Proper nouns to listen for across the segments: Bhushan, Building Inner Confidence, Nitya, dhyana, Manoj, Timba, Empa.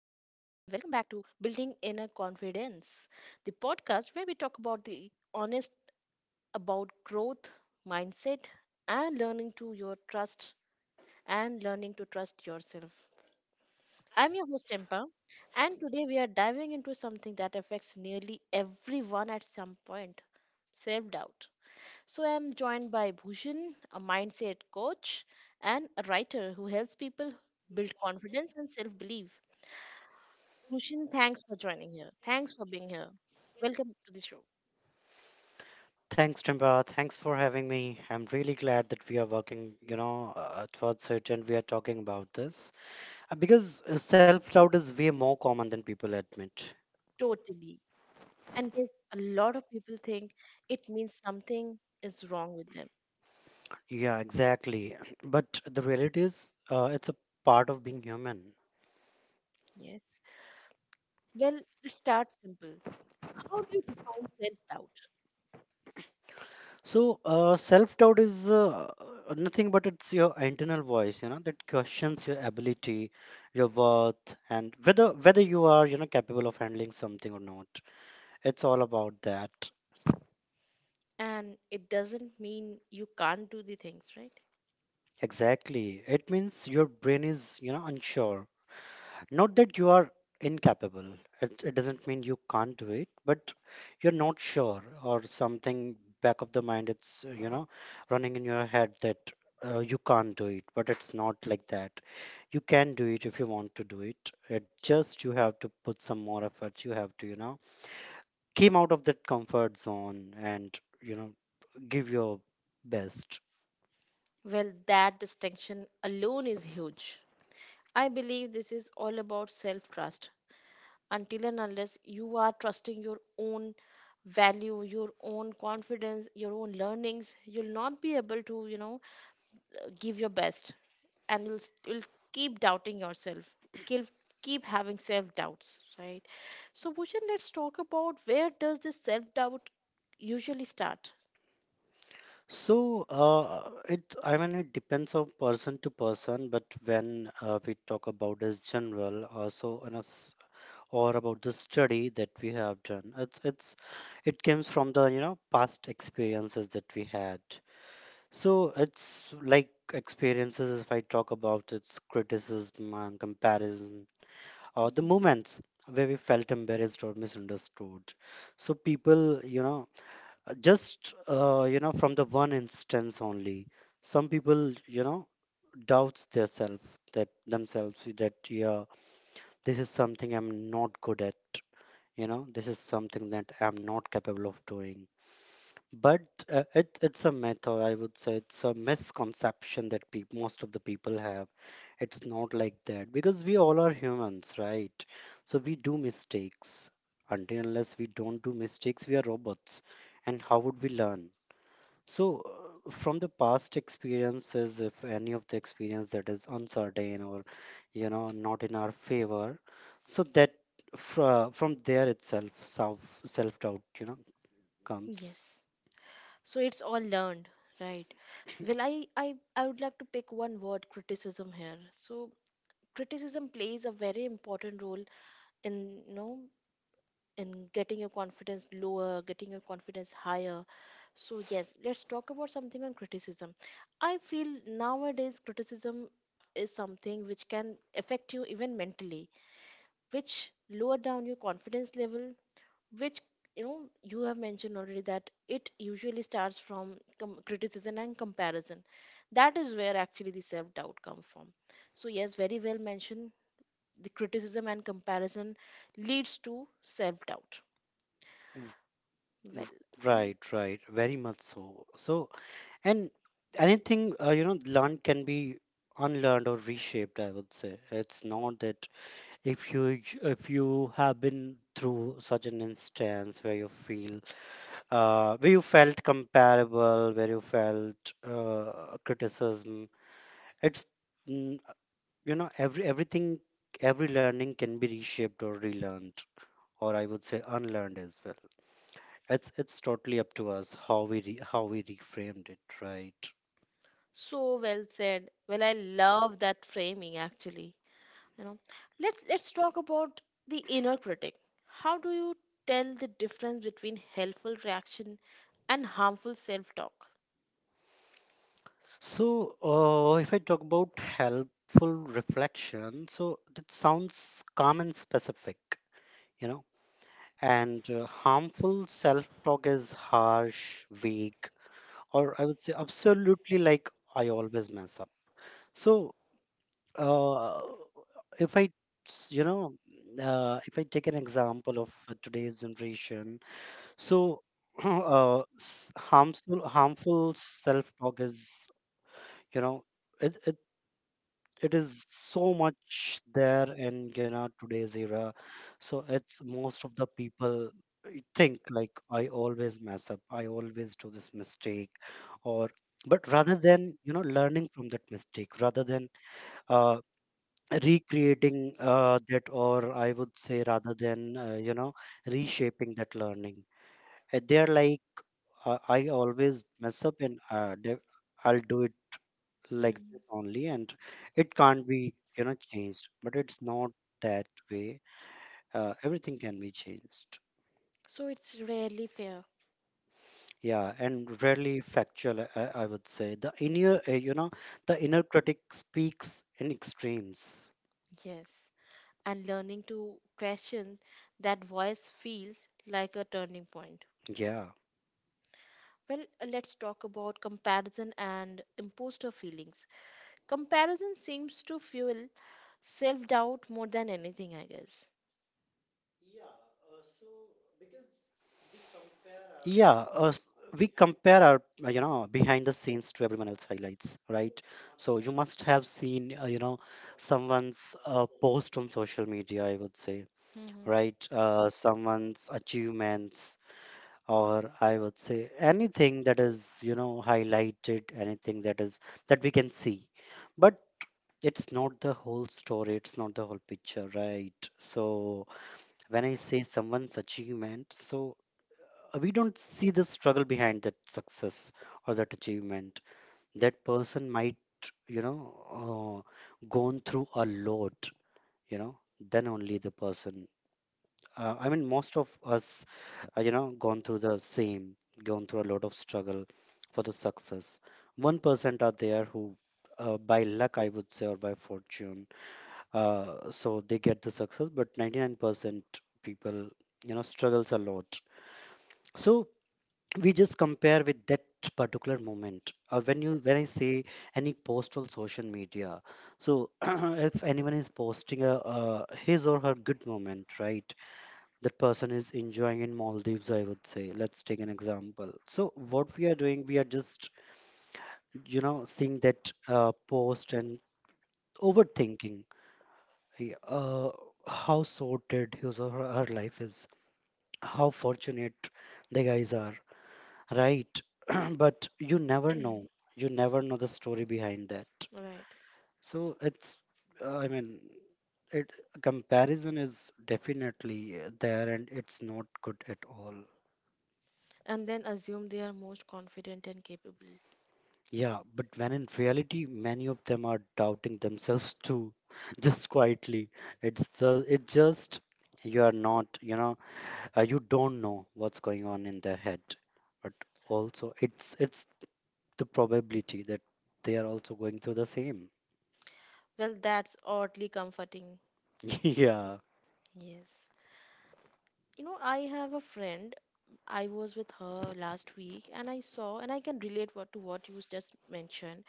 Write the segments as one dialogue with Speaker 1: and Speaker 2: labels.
Speaker 1: welcome back to Building Inner Confidence, the podcast where we talk about the honest about growth, mindset, and learning to trust yourself. I'm your host Empa, and today we are diving into something that affects nearly everyone at some point, self-doubt. So I'm joined by Bhushan, a mindset coach and a writer who helps people build confidence and self-belief. Pushin, thanks for joining here. Thanks for being here. Welcome to the show.
Speaker 2: Thanks, Timba. Thanks for having me. I'm really glad that we are working, towards it and we are talking about this. Because self doubt is way more common than people admit.
Speaker 1: Totally. And yes, a lot of people think it means something is wrong with them.
Speaker 2: Yeah, exactly. But the reality is, it's a part of being human.
Speaker 1: Yes. Well, let's start simple. How do you define self doubt?
Speaker 2: So, self doubt is nothing but it's your internal voice, you know, that questions your ability, your worth, and whether you are, you know, capable of handling something or not. It's all about that.
Speaker 1: And it doesn't mean you can't do the things, right?
Speaker 2: Exactly. It means your brain is, you know, unsure. Not that you are incapable. It doesn't mean you can't do it, but you're not sure or something back of the mind. It's, you know, running in your head that you can't do it, but it's not like that. You can do it if you want to do it. It just you have to put some more effort. You have to, you know, came out of that comfort zone and, you know, give your best.
Speaker 1: Well, that distinction alone is huge. I believe this is all about self trust. Until and unless you are trusting your own value, your own confidence, your own learnings, you'll not be able to, you know, give your best, and you'll keep doubting yourself, keep, keep having self doubts, right? So Bhushan, let's talk about, where does this self doubt usually start?
Speaker 2: So, it I mean it depends on person to person, but when we talk about as general, so on us or about the study that we have done, it's it comes from the you know past experiences that we had. So it's like experiences if I talk about its criticism and comparison, or the
Speaker 1: Mhm.
Speaker 2: moments where we felt embarrassed or misunderstood. So people, you know, just you know, from the one instance only, some people you know doubts their self that themselves that yeah, this is something I'm not good at. You know, this is something that I'm not capable of doing. But it's a myth, or I would say it's a misconception that peop most of the people have. It's not like that because we all are humans, right? So we do mistakes. Until unless we don't do mistakes, we are robots. And how would we learn? So, from the past experiences, if any of the experience that is uncertain or, you know, not in our favor, so that from there itself, self doubt, you know,
Speaker 1: Yes,
Speaker 2: comes.
Speaker 1: so it's all learned, right? Well, I would like to pick one word, criticism, here. So criticism plays a very important role in, you know, in getting your confidence lower, getting your confidence higher. So yes, let's talk about something on criticism. I feel nowadays criticism is something which can affect you even mentally, which lower down your confidence level, which, you know, you have mentioned already that it usually starts from criticism and comparison. That is where actually the self doubt come from. So yes, very well mentioned, the criticism and comparison leads to self doubt.
Speaker 2: W-
Speaker 1: Well,
Speaker 2: w-
Speaker 1: mm,
Speaker 2: Right, right, very much so. So, and anything, you know, learned can be unlearned or reshaped, I would say. It's not that if you have been through such an instance where you feel where you felt comparable, where you felt criticism. It's mm, you know everything every learning can be reshaped or relearned, or I would say unlearned as well. It's totally up to us how we reframed it, right?
Speaker 1: so well said. Well, I love that framing actually. You know, let's talk about the inner critic. How do you tell the difference between helpful reaction and harmful self-talk?
Speaker 2: So if I talk about helpful reflection, so that sounds calm and specific, you know. And harmful self talk is harsh, vague, or I would say absolutely like I always mess up. So uh, if I, s- you know, if I take an example of today's generation, so harmful self talk is, you know, it, it it is so much there in you know today's era. So it's most of the people think like I always mess up, I always do this mistake, or but rather than you know learning from that mistake, rather than uh, recreating that, or I would say rather than you know reshaping that learning. They are like I always mess up and I'll do it like
Speaker 1: Mm.
Speaker 2: this only and it can't be you know changed, but it's not that way. Everything can be changed.
Speaker 1: So it's rarely fair.
Speaker 2: Yeah, and rarely factual, I would say. The inner, you know, the inner critic speaks in extremes.
Speaker 1: Yes. And learning to question that voice feels like a turning point.
Speaker 2: Yeah.
Speaker 1: Well, let's talk about comparison and imposter feelings. Comparison seems to fuel self doubt more than anything, I guess.
Speaker 2: Yeah, uh, s- we compare our, you know, behind the scenes to everyone else highlights, right? So you must have seen, you know, someone's post on social media, I would say,
Speaker 1: Hmm.
Speaker 2: right? Someone's achievements, or I would say anything that is, you know, highlighted, anything that is that we can see. But it's not the whole story, it's not the whole picture, right? So when I say someone's achievement, so we don't see the struggle behind that success or that achievement. That person might, you know, gone through a lot, you know, then only the person. I mean, most of us you know gone through the same, gone through a lot of struggle for the success. 1% are there who by luck I would say, or by fortune, uh, so they get the success, but 99% people you know struggles a lot. So we just compare with that particular moment, or when you when I say any post on social media, so if anyone is posting a his or her good moment, right, that person is enjoying in Maldives, I would say. Let's take an example. So, what we are doing, we are just, you know, seeing that post and overthinking hey, how sorted his or her life is, how fortunate the guys are, right? But you never know. You never know the story behind that.
Speaker 1: Right.
Speaker 2: So, it's, I mean, it comparison is definitely there and it's not good at all.
Speaker 1: And then assume they are most confident and capable.
Speaker 2: Yeah, but when in reality, many of them are doubting themselves too, just quietly. It just you are not, you know, you don't know what's going on in their head. But also, it's the probability that they are also going through the same.
Speaker 1: Well, that's oddly comforting.
Speaker 2: Yeah,
Speaker 1: Yes. You know, I have a friend. I was with her last week and I saw, and I can relate to what you just mentioned.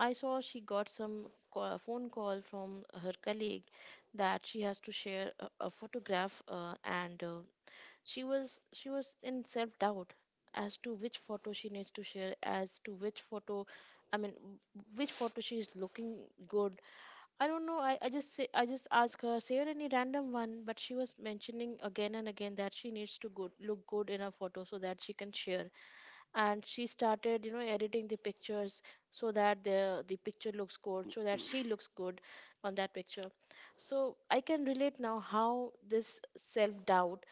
Speaker 1: I saw she got some phone call from her colleague that she has to share a photograph, and she was in self doubt as to which photo she needs to share, as to which photo, I mean, which photo she is looking good. I don't know. I just say, I just ask her, share any random one, but she was mentioning again and again that she needs to good look good in a photo so that she can share, and she started, you know, editing the pictures so that the picture looks good, so that she looks good on that picture. So I can relate now how this self doubt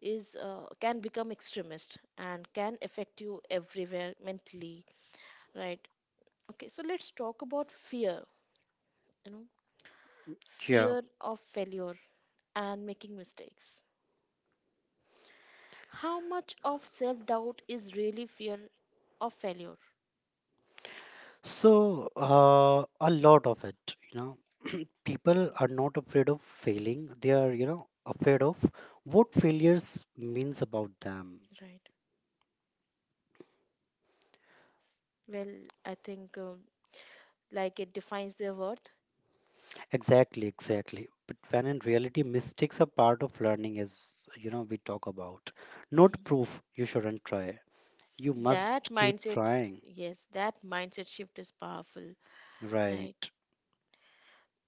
Speaker 1: is, can become extremist and can affect you everywhere mentally, right? Okay, so let's talk about fear, you know,
Speaker 2: yeah.
Speaker 1: fear of failure and making mistakes. How much of self doubt is really fear of failure?
Speaker 2: So, a lot of it, you know, people are not afraid of failing. They are, you know, afraid of what failures means about them.
Speaker 1: Right. Well, I think, like it defines their worth.
Speaker 2: Exactly, exactly. But when in reality, mistakes are part of learning, as you know, we talk about.
Speaker 1: Mm.
Speaker 2: Not proof you shouldn't try. You must
Speaker 1: That
Speaker 2: keep
Speaker 1: mindset,
Speaker 2: trying.
Speaker 1: yes, that mindset shift is powerful, right?
Speaker 2: Right.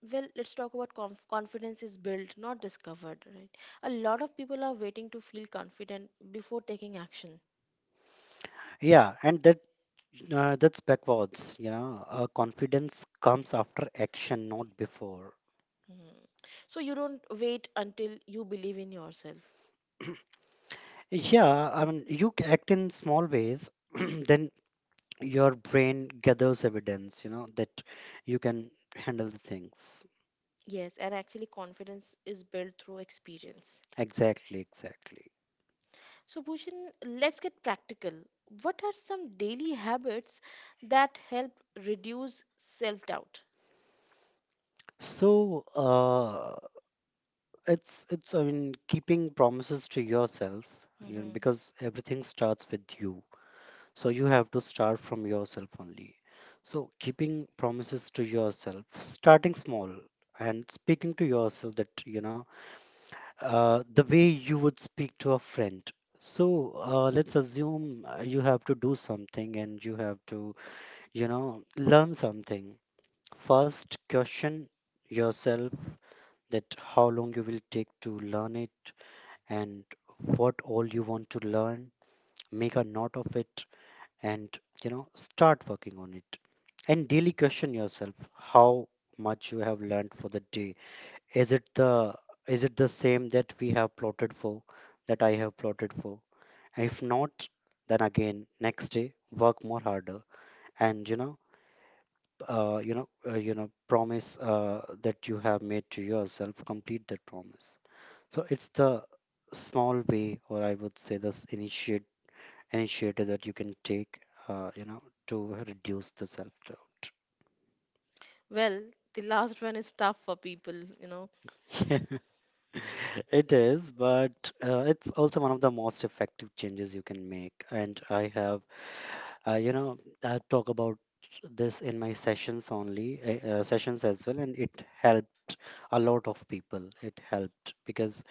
Speaker 1: Well, let's talk about confidence is built, not discovered, right? A lot of people are waiting to feel confident before taking action.
Speaker 2: Yeah, and that's backwards. You know, confidence comes after action, not before.
Speaker 1: Hmm. So you don't wait until you believe in yourself.
Speaker 2: Yeah, I mean, act in small ways, then your brain gathers evidence. You know that you can handle the things.
Speaker 1: Yes, and actually, confidence is built through experience.
Speaker 2: Exactly, exactly.
Speaker 1: So, Bhushan, let's get practical. What are some daily habits that help reduce self doubt?
Speaker 2: So, it's I mean keeping promises to yourself, you know,
Speaker 1: Hmm.
Speaker 2: because everything starts with you. So you have to start from yourself only. So keeping promises to yourself, starting small and speaking to yourself that you know the way you would speak to a friend. So let's assume you have to do something and you have to you know learn something. First, question yourself that how long you will take to learn it, and what all you want to learn, make a note of it, and you know start working on it, and daily question yourself how much you have learned for the day. Is it the is it the same that we have plotted for, that I have plotted for, and if not, then again next day work more harder, and you know promise that you have made to yourself, complete that promise. So it's the small way, or I would say this initiate initiative that you can take, you know, to reduce the self-doubt.
Speaker 1: Well, the last one is tough for people, you know.
Speaker 2: Yeah, it is, but it's also one of the most effective changes you can make. And I have, you know, I talk about this in my sessions only, sessions as well, and it helped a lot of people. It helped because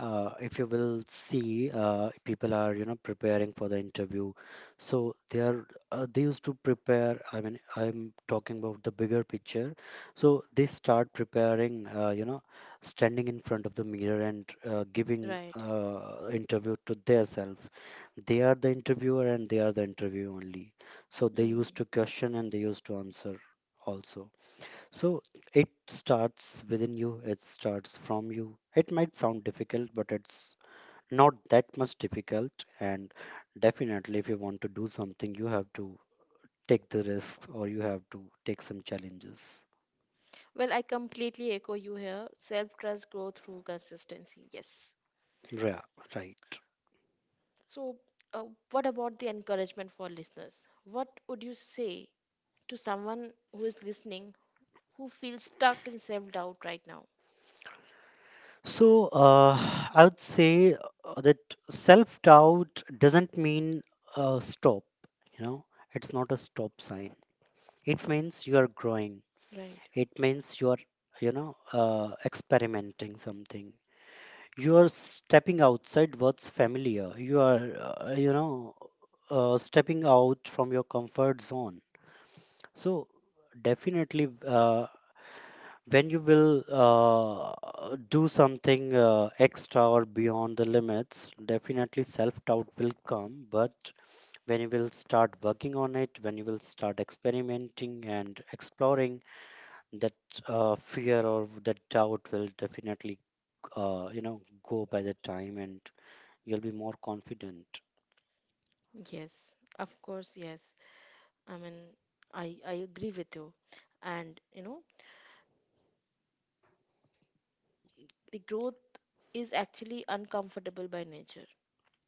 Speaker 2: if you will see people are you know preparing for the interview, so they are they used to prepare, I mean I'm talking about the bigger picture, so they start preparing you know standing in front of the mirror and giving
Speaker 1: Right.
Speaker 2: interview to themselves. They are the interviewer and they are the interview only, so they
Speaker 1: Mhm.
Speaker 2: used to question and they used to answer also. So it starts within you, it starts from you. It might sound difficult, but it's not that much difficult. And definitely, if you want to do something, you have to take the risks or you have to take some challenges.
Speaker 1: Well, I completely echo you here. Self trust grow through consistency. Yes.
Speaker 2: Yeah, right.
Speaker 1: So, uh, what about the encouragement for listeners? What would you say to someone who is listening, who feel stuck in self doubt right now?
Speaker 2: So I would say that self doubt doesn't mean stop, you know, it's not a stop sign. It means you are growing,
Speaker 1: Right.
Speaker 2: it means you are, you know, experimenting something, you are stepping outside what's familiar, you are stepping out from your comfort zone. So definitely when you will do something extra or beyond the limits, definitely self doubt will come, but when you will start working on it, when you will start experimenting and exploring, that fear or that doubt will definitely you know go by the time, and you'll be more confident.
Speaker 1: Yes. Of course, yes. I mean, I agree with you. And you know, the growth is actually uncomfortable by nature.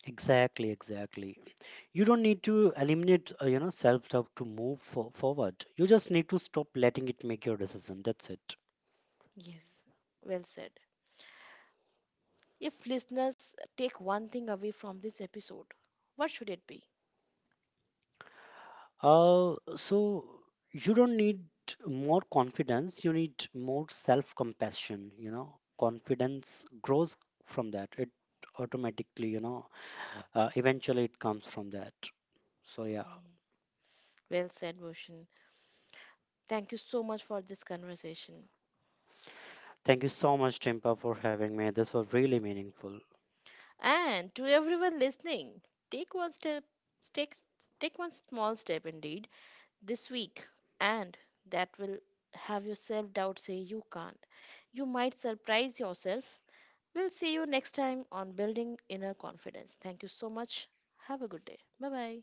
Speaker 2: Exactly, exactly. You don't need to eliminate you know self doubt to move forward, you just need to stop letting it make your decision. That's it.
Speaker 1: Yes. Well said. If listeners take one thing away from this episode, what should it be?
Speaker 2: So you don't need more confidence, you need more self compassion, you know. Confidence grows from that, it automatically you know eventually it comes from that, so yeah.
Speaker 1: Mhm. Well said, Bhushan. Thank you so much for this conversation.
Speaker 2: Thank you so much Timpa for having me, this was really meaningful.
Speaker 1: And to everyone listening, take one step, take, take one small step indeed this week, and that will have your self doubt say you can't. You might surprise yourself. We'll see you next time on Building Inner Confidence. Thank you so much. Have a good day. Bye bye.